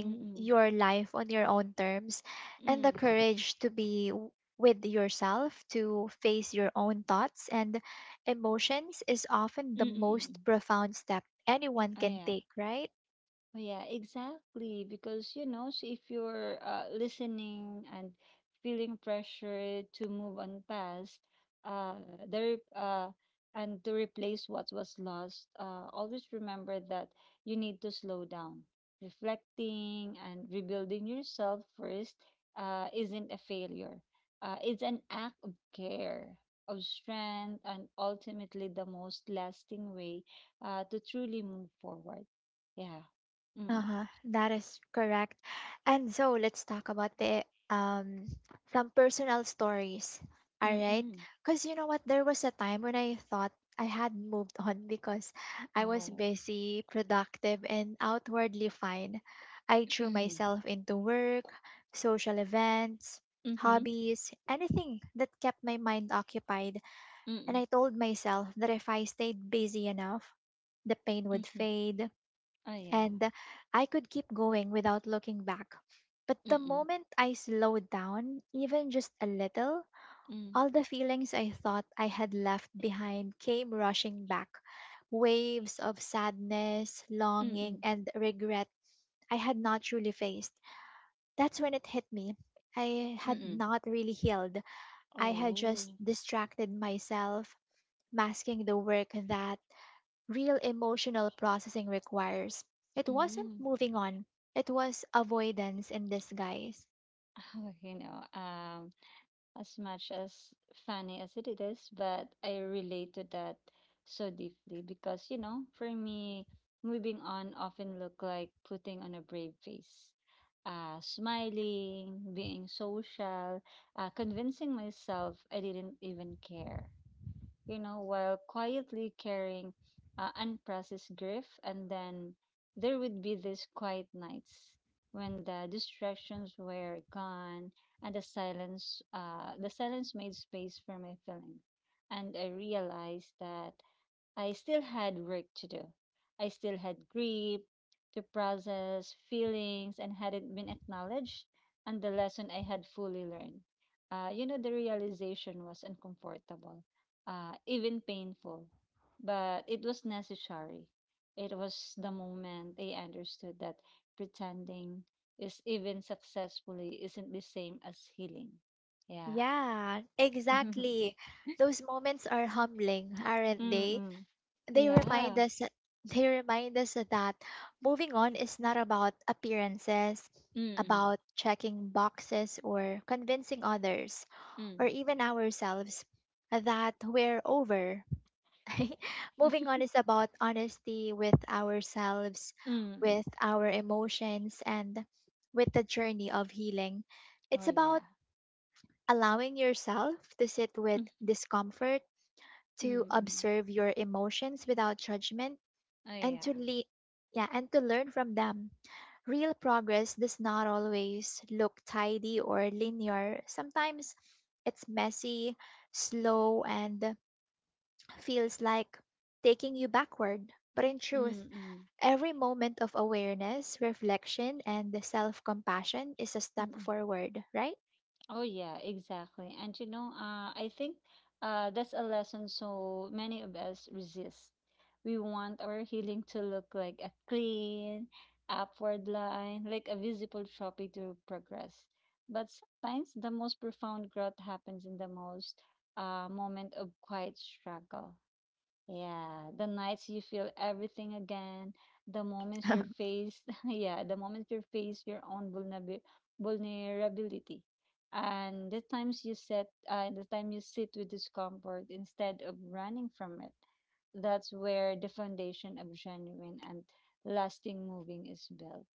Mm-mm. Mm-mm. your life on your own terms, and the Mm-mm. courage to be with yourself, to face your own thoughts and emotions, is often the most Mm-mm. profound step anyone Oh can yeah. take, right? Oh yeah, exactly. Because, you know, so if you're listening and feeling pressure to move on past, uh, the re- uh, and to replace what was lost, always remember that you need to slow down. Reflecting and rebuilding yourself first isn't a failure. It's an act of care, of strength, and ultimately the most lasting way to truly move forward. Yeah. Mm, Uh-huh. That is correct. And so let's talk about the um some personal stories. All right? mm. Cuz you know what, there was a time when I thought I had moved on because I was Oh. busy, productive, and outwardly fine. I threw Mhm. myself into work, social events, Mhm. hobbies, anything that kept my mind occupied, and Mm. I told myself that if I stayed busy enough, the pain would Mhm. fade, Oh, yeah. and I could keep going without looking back. But the Mm. moment I slowed down, even just a little, Mm. all the feelings I thought I had left behind came rushing back. Waves of sadness, longing, Mm. and regret I had not truly faced. That's when it hit me. I had Mm. not really healed. I had Oh. just distracted myself, masking the work that real emotional processing requires. It wasn't Mm. moving on, it was avoidance in disguise. Oh, you know, as much as funny as it is, but I relate to that so deeply because, you know, for me, moving on often look like putting on a brave face. Smiling, being social, convincing myself I didn't even care. You know, while quietly carrying unprocessed grief. And then there would be these quiet nights when the distractions were gone and the silence made space for my feelings. And I realized that I still had work to do. I still had grief to process, feelings, and hadn't been acknowledged, and the lesson I had fully learned. The realization was uncomfortable, even painful, but it was necessary. It was the moment I understood that pretending is even successfully isn't the same as healing. Yeah. Yeah, exactly. Those moments are humbling, aren't they? Mm-mm. They remind Yeah. us they remind us that moving on is not about appearances, Mm-mm. about checking boxes or convincing others, or Mm. even ourselves, that we're over. Moving on is about honesty with ourselves, Mm. with our emotions, and with the journey of healing. Oh, It's yeah. about allowing yourself to sit with Mm, discomfort, mm to mm. observe your emotions without judgment, Oh, and yeah. Yeah, and to learn from them. Real progress does not always look tidy or linear. Sometimes it's messy, slow, and feels like taking you backward. But in truth, Mm-mm. every moment of awareness, reflection, and the self compassion is a step Mm-mm. forward, right? Oh, yeah, exactly. And you know, I think that's a lesson so many of us resist. We want our healing to look like a clean, upward line, like a visible trophy to progress. But sometimes the most profound growth happens in the most moment of quiet struggle. Yeah, the nights you feel everything again, the moments you face, yeah, the moments you face your own vulnerability, and the times you set, the time you sit with discomfort instead of running from it. That's where the foundation of genuine and lasting moving is built.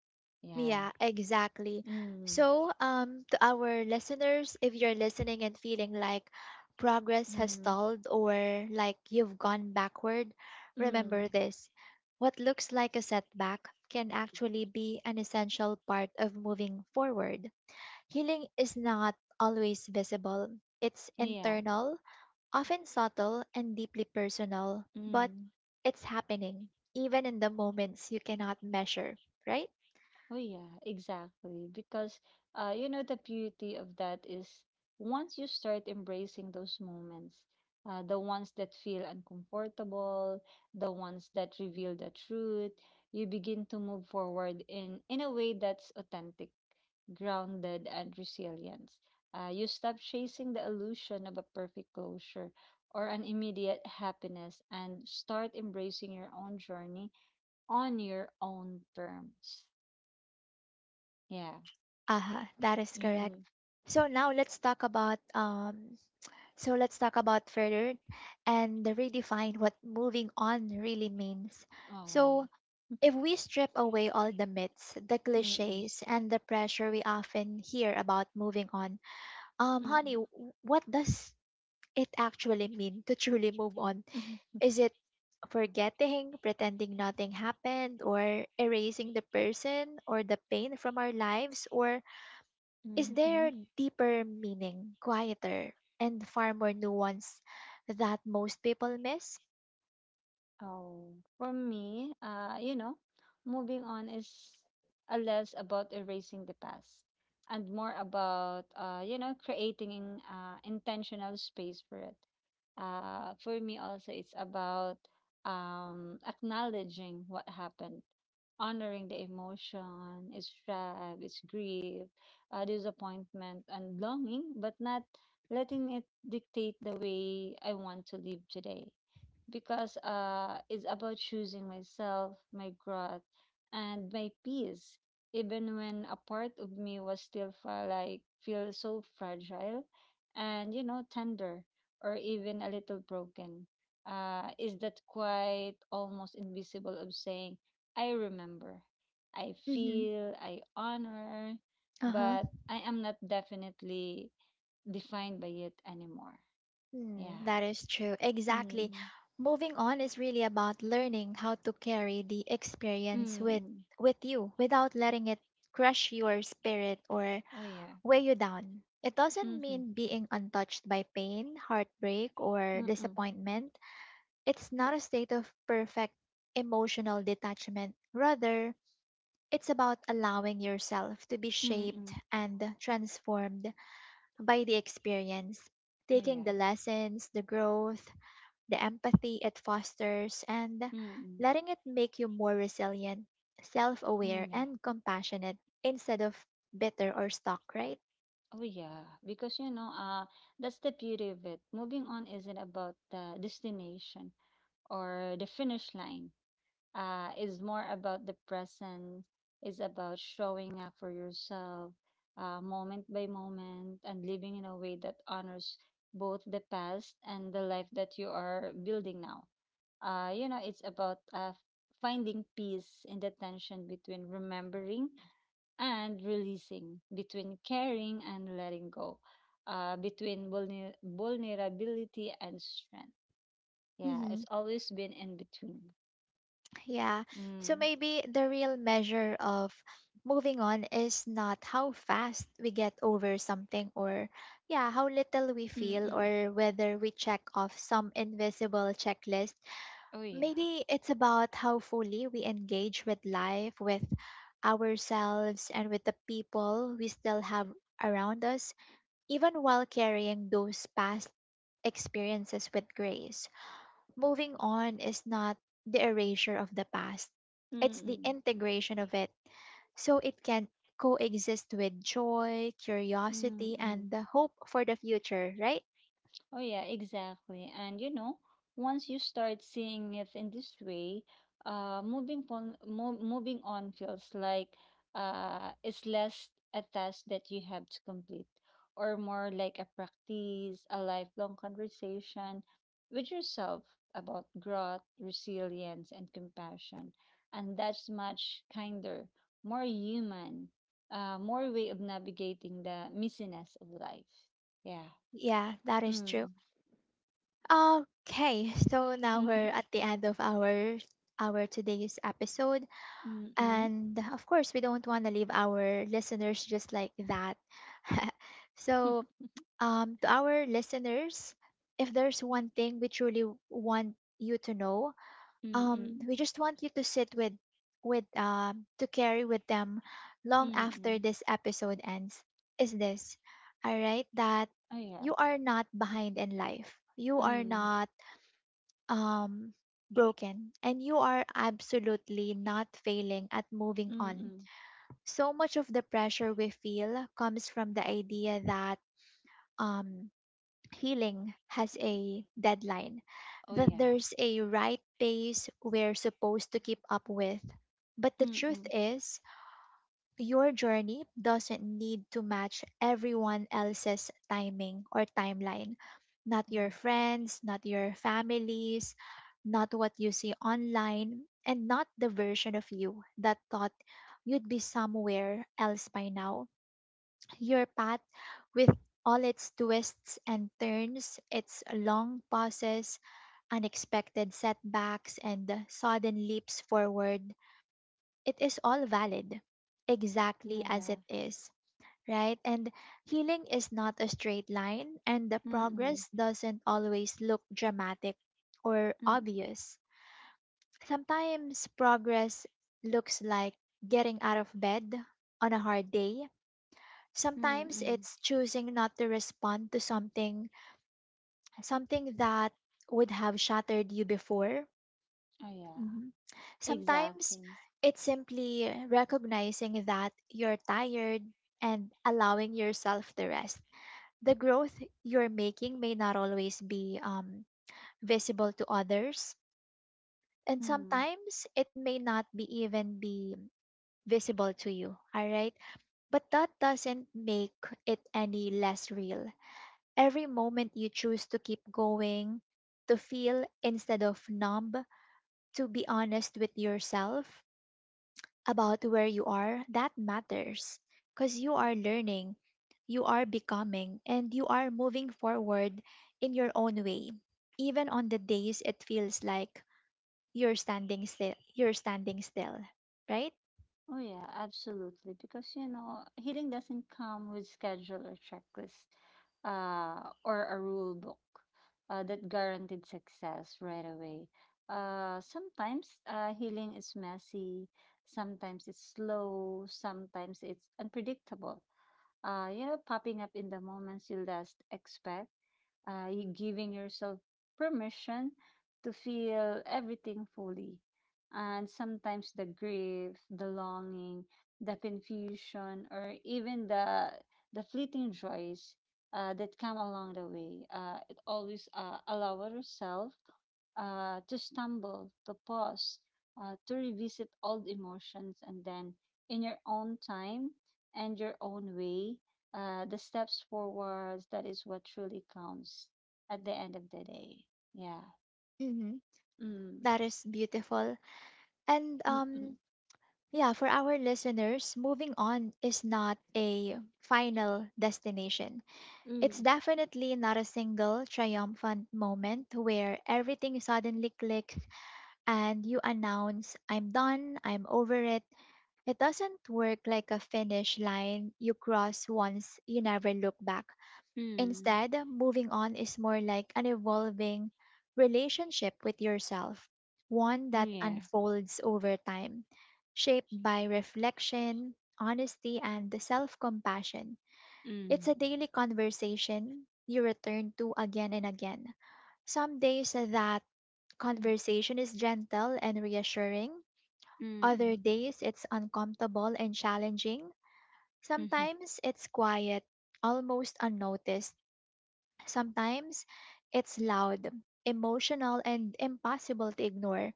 Yeah. Yeah, exactly. Mm. So, to our listeners, if you're listening and feeling like progress has Mm-hmm. stalled or like you've gone backward, Mm. remember this. What looks like a setback can actually be an essential part of moving forward. Healing is not always visible. It's Yeah. internal, often subtle, and deeply personal, but Mm. it's happening, even in the moments you cannot measure, right? Oh yeah, exactly. Because you know the beauty of that is once you start embracing those moments, the ones that feel uncomfortable, the ones that reveal the truth, you begin to move forward in a way that's authentic, grounded, and resilient. You stop chasing the illusion of a perfect closure or an immediate happiness and start embracing your own journey on your own terms. Yeah. Aha, that is 嗯 correct. 嗯 So now let's talk about further and redefine what moving on really means. 哦，So if we strip away all the myths, the 嗯嗯 clichés, and the pressure we often hear about moving on, 嗯 honey, 嗯 what does it actually mean to truly move on? 嗯嗯 Is it forgetting, pretending nothing happened, or erasing the person or the pain from our lives? Or is 嗯 there 哼。deeper meaning, quieter, and far more nuance that most people miss? Oh, for me, moving on is a less about erasing the past and more about creating intentional space for it. For me also, it's about acknowledging what happened, honoring the emotion, its drive, its grief, disappointment, and longing, but not letting it dictate the way I want to live today because it's about choosing myself, my growth, and my peace. Even when a part of me was still feel like feel so fragile, and you know tender, or even a little broken, is that quite almost invisible of saying, "I remember, I Mm-hmm. feel, I honor," Uh huh. but I am not definitely defined by it anymore. Hmm, Yeah. that is true. Exactly. Mm. Moving on is really about learning how to carry the experience Mm. with mm. with you without letting it crush your spirit or Oh yeah. weigh you down. It doesn't Mhm, mean being untouched by pain, heartbreak, or mm, disappointment. It's not a state of perfect emotional detachment. Rather, it's about allowing yourself to be shaped mm. and transformed by the experience, Oh, taking yeah. the lessons, the growth, the empathy it fosters, and Mm, letting it make you more resilient, self aware, mm, yeah. and compassionate instead of bitter or stuck, right? Oh, yeah. Because, you know, that's the beauty of it. Moving on isn't about the destination or the finish line. Is more about the present. Is about showing up for yourself, moment by moment, and living in a way that honors both the past and the life that you are building now. It's about finding peace in the tension between remembering and releasing, between caring and letting go, between vulnerability and strength. Yeah, Mm-hmm. it's always been in between. Yeah. So Mm. maybe the real measure of moving on is not how fast we get over something, or yeah, how little we feel, Mm-mm. or whether we check off some invisible checklist. Oh, yeah. Maybe it's about how fully we engage with life, with ourselves, and with the people we still have around us, even while carrying those past experiences with grace. Moving on is not the erasure of the past, it's the Mm-mm. integration of it so it can coexist with joy, curiosity, Mm-mm. and the hope for the future, right? Oh yeah, exactly. And you know, once you start seeing it in this way, moving on feels like it's less a task that you have to complete, or more like a practice, a lifelong conversation with yourself about growth, resilience, and compassion. And that's much kinder, more human, more way of navigating the messiness of life. Yeah. Yeah, that is Mm. true. Okay, so now we're at the end of our today's episode, Mm-mm. and of course, we don't want to leave our listeners just like that. So, to our listeners, if there's one thing we truly want you to know, Mm-mm. we just want you to sit with, to carry with them long after Mm-mm. this episode ends. Is this all right? That Oh yeah. you are not behind in life. You are Mm. not, um, broken, and you are absolutely not failing at moving on. Mm-mm. So much of the pressure we feel comes from the idea that, um, healing has a deadline, Oh that yeah. there's a right pace we're supposed to keep up with. But the truth Mm-mm. is, your journey doesn't need to match everyone else's timing or timeline. Not Mhm. your friends, not your families, not what you see online, and not the version of you that thought you'd be somewhere else by now. Your path, with all its twists and turns, its long pauses, unexpected setbacks, and sudden leaps forward, it is all valid exactly Oh as yeah. it is, right? And healing is not a straight line, and the Mm-mm. progress doesn't always look dramatic or Mm. obvious. Sometimes progress looks like getting out of bed on a hard day. Sometimes Mm-mm. it's choosing not to respond to something that would have shattered you before. Oh yeah. Mhm. Sometimes Exactly. it's simply recognizing that you're tired and allowing yourself to rest. The growth you're making may not always be visible to others, and Hmm. sometimes it may not be even be visible to you, all right? But that doesn't make it any less real. Every moment you choose to keep going, to feel instead of numb, to be honest with yourself about where you are, that matters, because you are learning, you are becoming, and you are moving forward in your own way. Even on the days it feels like you're standing still, right? Oh yeah, absolutely. Because you know, healing doesn't come with schedule or checklist, or a rule book, that guaranteed success right away. Sometimes healing is messy, sometimes it's slow, sometimes it's unpredictable you know, popping up in the moments you least expect, you giving yourself permission to feel everything fully. And sometimes the grief, the longing, the confusion, or even the fleeting joys that come along the way. It always allow ourselves to stumble, to pause, to revisit old emotions, and then in your own time and your own way, the steps forwards, that is what truly counts at the end of the day. Yeah. Mm-hmm. Mm. That is beautiful. And Mm. Mm. yeah, for our listeners, moving on is not a final destination. It's Mm. definitely not a single triumphant moment where everything suddenly click and you announce, I'm done, I'm over it. It doesn't work like a finish line you cross once you never look back. Mm. Instead, moving on is more like an evolving relationship with yourself, one Mm, that yeah. unfolds over time, shaped by reflection, honesty, and self compassion. It's Mm. a daily conversation you return to again and again. Some days that Mm. conversation is gentle and reassuring, other Mm. days it's uncomfortable and challenging. Mm. Mm. Sometimes it's quiet, almost unnoticed. Sometimes it's loud, emotional, and impossible to ignore.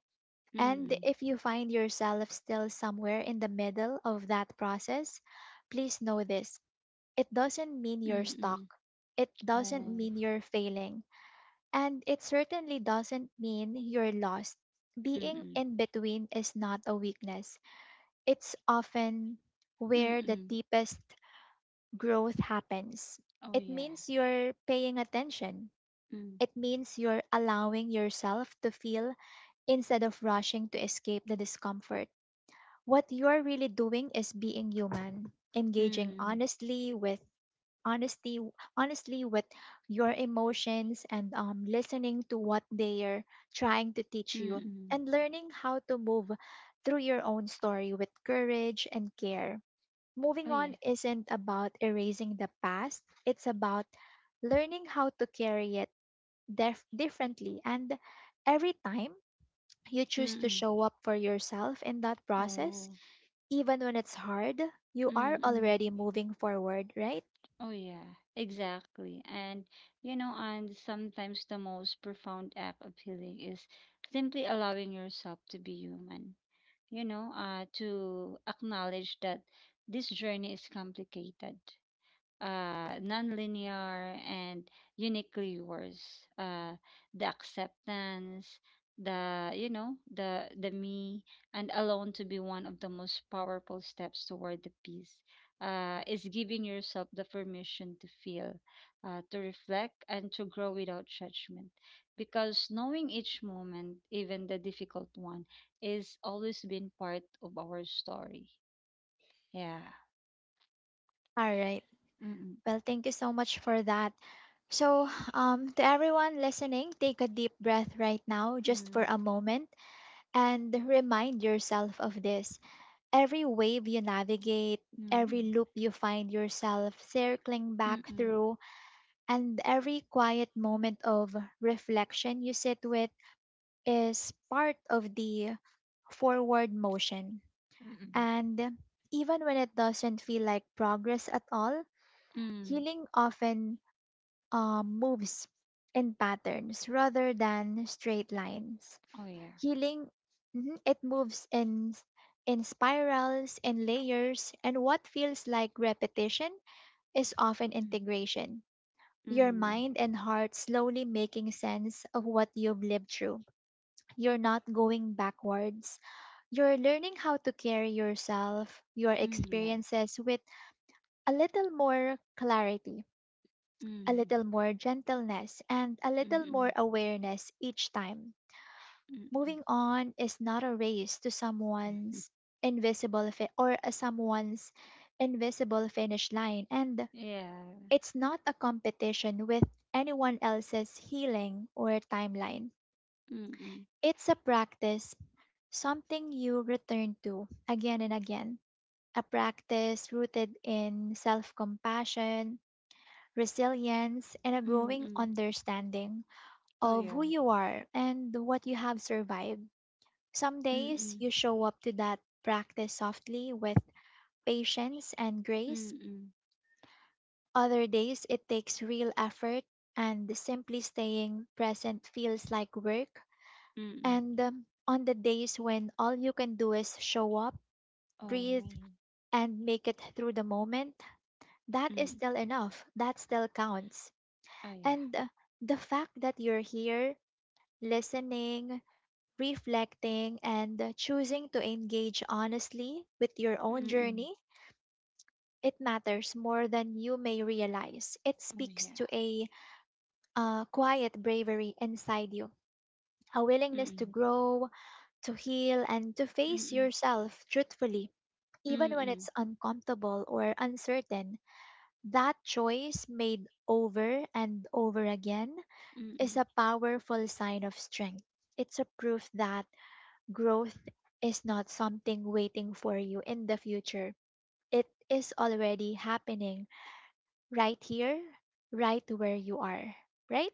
And Mm. if you find yourself still somewhere in the middle of that process, please know this: it doesn't mean you're Mm. stuck. Mm. It doesn't Oh. mean you're failing. And it certainly doesn't mean you're lost. Being Mm. in between is not a weakness, it's often Mm. where the Mm. deepest growth happens. Oh It yeah. means you're paying attention. Mm. It means you're allowing yourself to feel instead of rushing to escape the discomfort. What you're really doing is being human, engaging Mm. Honesty honestly with your emotions, and listening to what they are trying to teach Mm. you, Mm. and learning how to move through your own story with courage and care. Moving Oh yeah. on isn't about erasing the past, it's about learning how to carry it differently. And every time you Mm. choose to Mm. show up for yourself in that process, Oh. even when it's hard, you are Mm. Mm. already moving forward, right? Oh, yeah, exactly. And, you know, and sometimes the most profound act of healing is simply allowing yourself to be human, you know, to acknowledge that this journey is complicated nonlinear and uniquely yours. The acceptance, the you know, the me, and alone to be one of the most powerful steps toward the peace. Is giving yourself the permission to feel, to reflect, and to grow without judgment. Because knowing each moment, even the difficult one, is always been part of our story. Yeah. All right. Mm-mm. Well, thank you so much for that. So, to everyone listening, take a deep breath right now, just for Mm, a moment, and remind yourself of this. Every wave you navigate, every mm, loop you find yourself circling back mm. through, and every quiet moment of reflection you sit with is part of the forward motion. Hmm. And even when it doesn't feel like progress at all, Hmm. healing often, moves in patterns rather than straight lines. Oh yeah. Healing, mhm, it moves in in spirals and layers, and what feels like repetition is often Hmm. integration. Your Hmm. mind and heart slowly making sense of what you've lived through. You're not going backwards. You're learning how to carry yourself, your Yeah. experiences, with a little more clarity, a Hmm. little more gentleness, and a little more Hmm. awareness each time. Hmm. Hmm. Moving on is not a race to someone's invisible fi- or a someone's invisible finish line, and Yeah. it's not a competition with anyone else's healing or timeline. Hmm. Hmm. It's a practice, something you return to again and again, a practice rooted in self-compassion, resilience, and a Hmm. growing Hmm. understanding Oh of who yeah. you are and what you have survived. Some Hmm. days Hmm. you show up to that practice softly, with patience and grace. Hmm. Other days it takes real effort, and simply staying present feels like work. Hmm. Hmm. And on the days when all you can do is show up, breathe, Oh. and make it through the moment, that is Hmm. still enough. That still counts. Oh yeah. And the fact that you're here, listening, reflecting, and choosing to engage honestly with your own Hmm. Hmm. journey, it matters more than you may realize. It Oh speaks yeah. to a quiet bravery inside you, a willingness to Hmm. grow, to heal, and to Hmm. face Hmm. yourself truthfully, even when Hmm. it's uncomfortable or uncertain. That choice, made over and over again, Hmm. is Hmm. a powerful sign of strength. It's a proof that growth is not something waiting for you in the future. It is already happening right here, right where you are, right?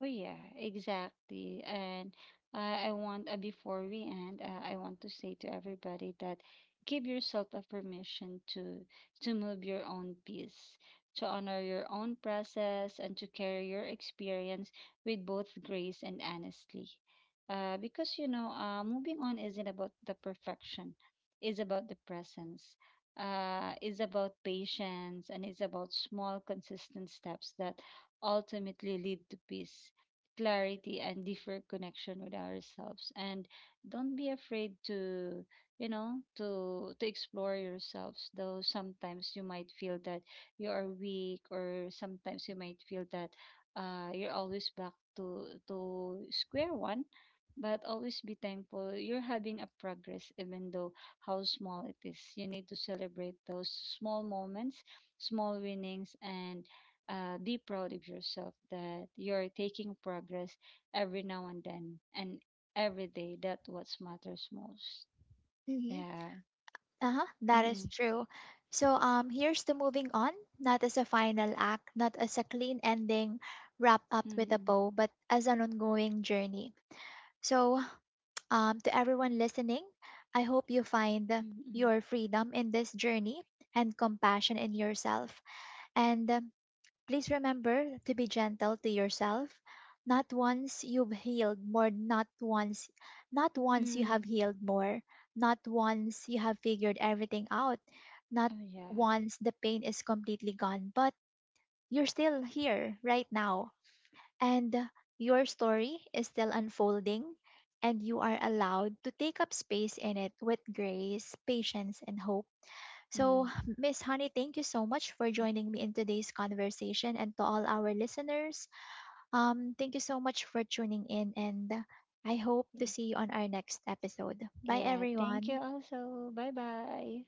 Oh yeah, exactly. And I want before we end, I want to say to everybody that give yourself a permission to move your own pace, to honor your own process, and to carry your experience with both grace and honestly. Because moving on isn't about the perfection, is about the presence. Is about patience and is about small consistent steps that ultimately lead to peace, clarity and deeper connection with ourselves, and don't be afraid to you know to explore yourselves though sometimes you might feel that you are weak, or sometimes you might feel that you're always back to square one, but always be thankful you're having a progress even though how small it is. You need to celebrate those small moments, small winnings, and be proud of yourself that you're taking progress every now and then, and every day. That what matters most. Mm-hmm. Yeah. Uh-huh. That is Mm-mm. true. So here's to moving on, not as a final act, not as a clean ending wrapped up with a Mm-mm. bow, but as an ongoing journey. So to everyone listening, I hope you find Mm-mm. your freedom in this journey and compassion in yourself. And please remember to be gentle to yourself. Not once you've healed more, not once, not once you have Mm-mm. healed more, not once you have figured everything out, not Oh yeah. once the pain is completely gone, but you're still here right now. And your story is still unfolding, and you are allowed to take up space in it with grace, patience, and hope. So, Mm. Miss Honey, thank you so much for joining me in today's conversation, and to all our listeners, thank you so much for tuning in, and I hope to see you on our next episode. Bye Yeah. Thank you. everyone. Also. Bye bye.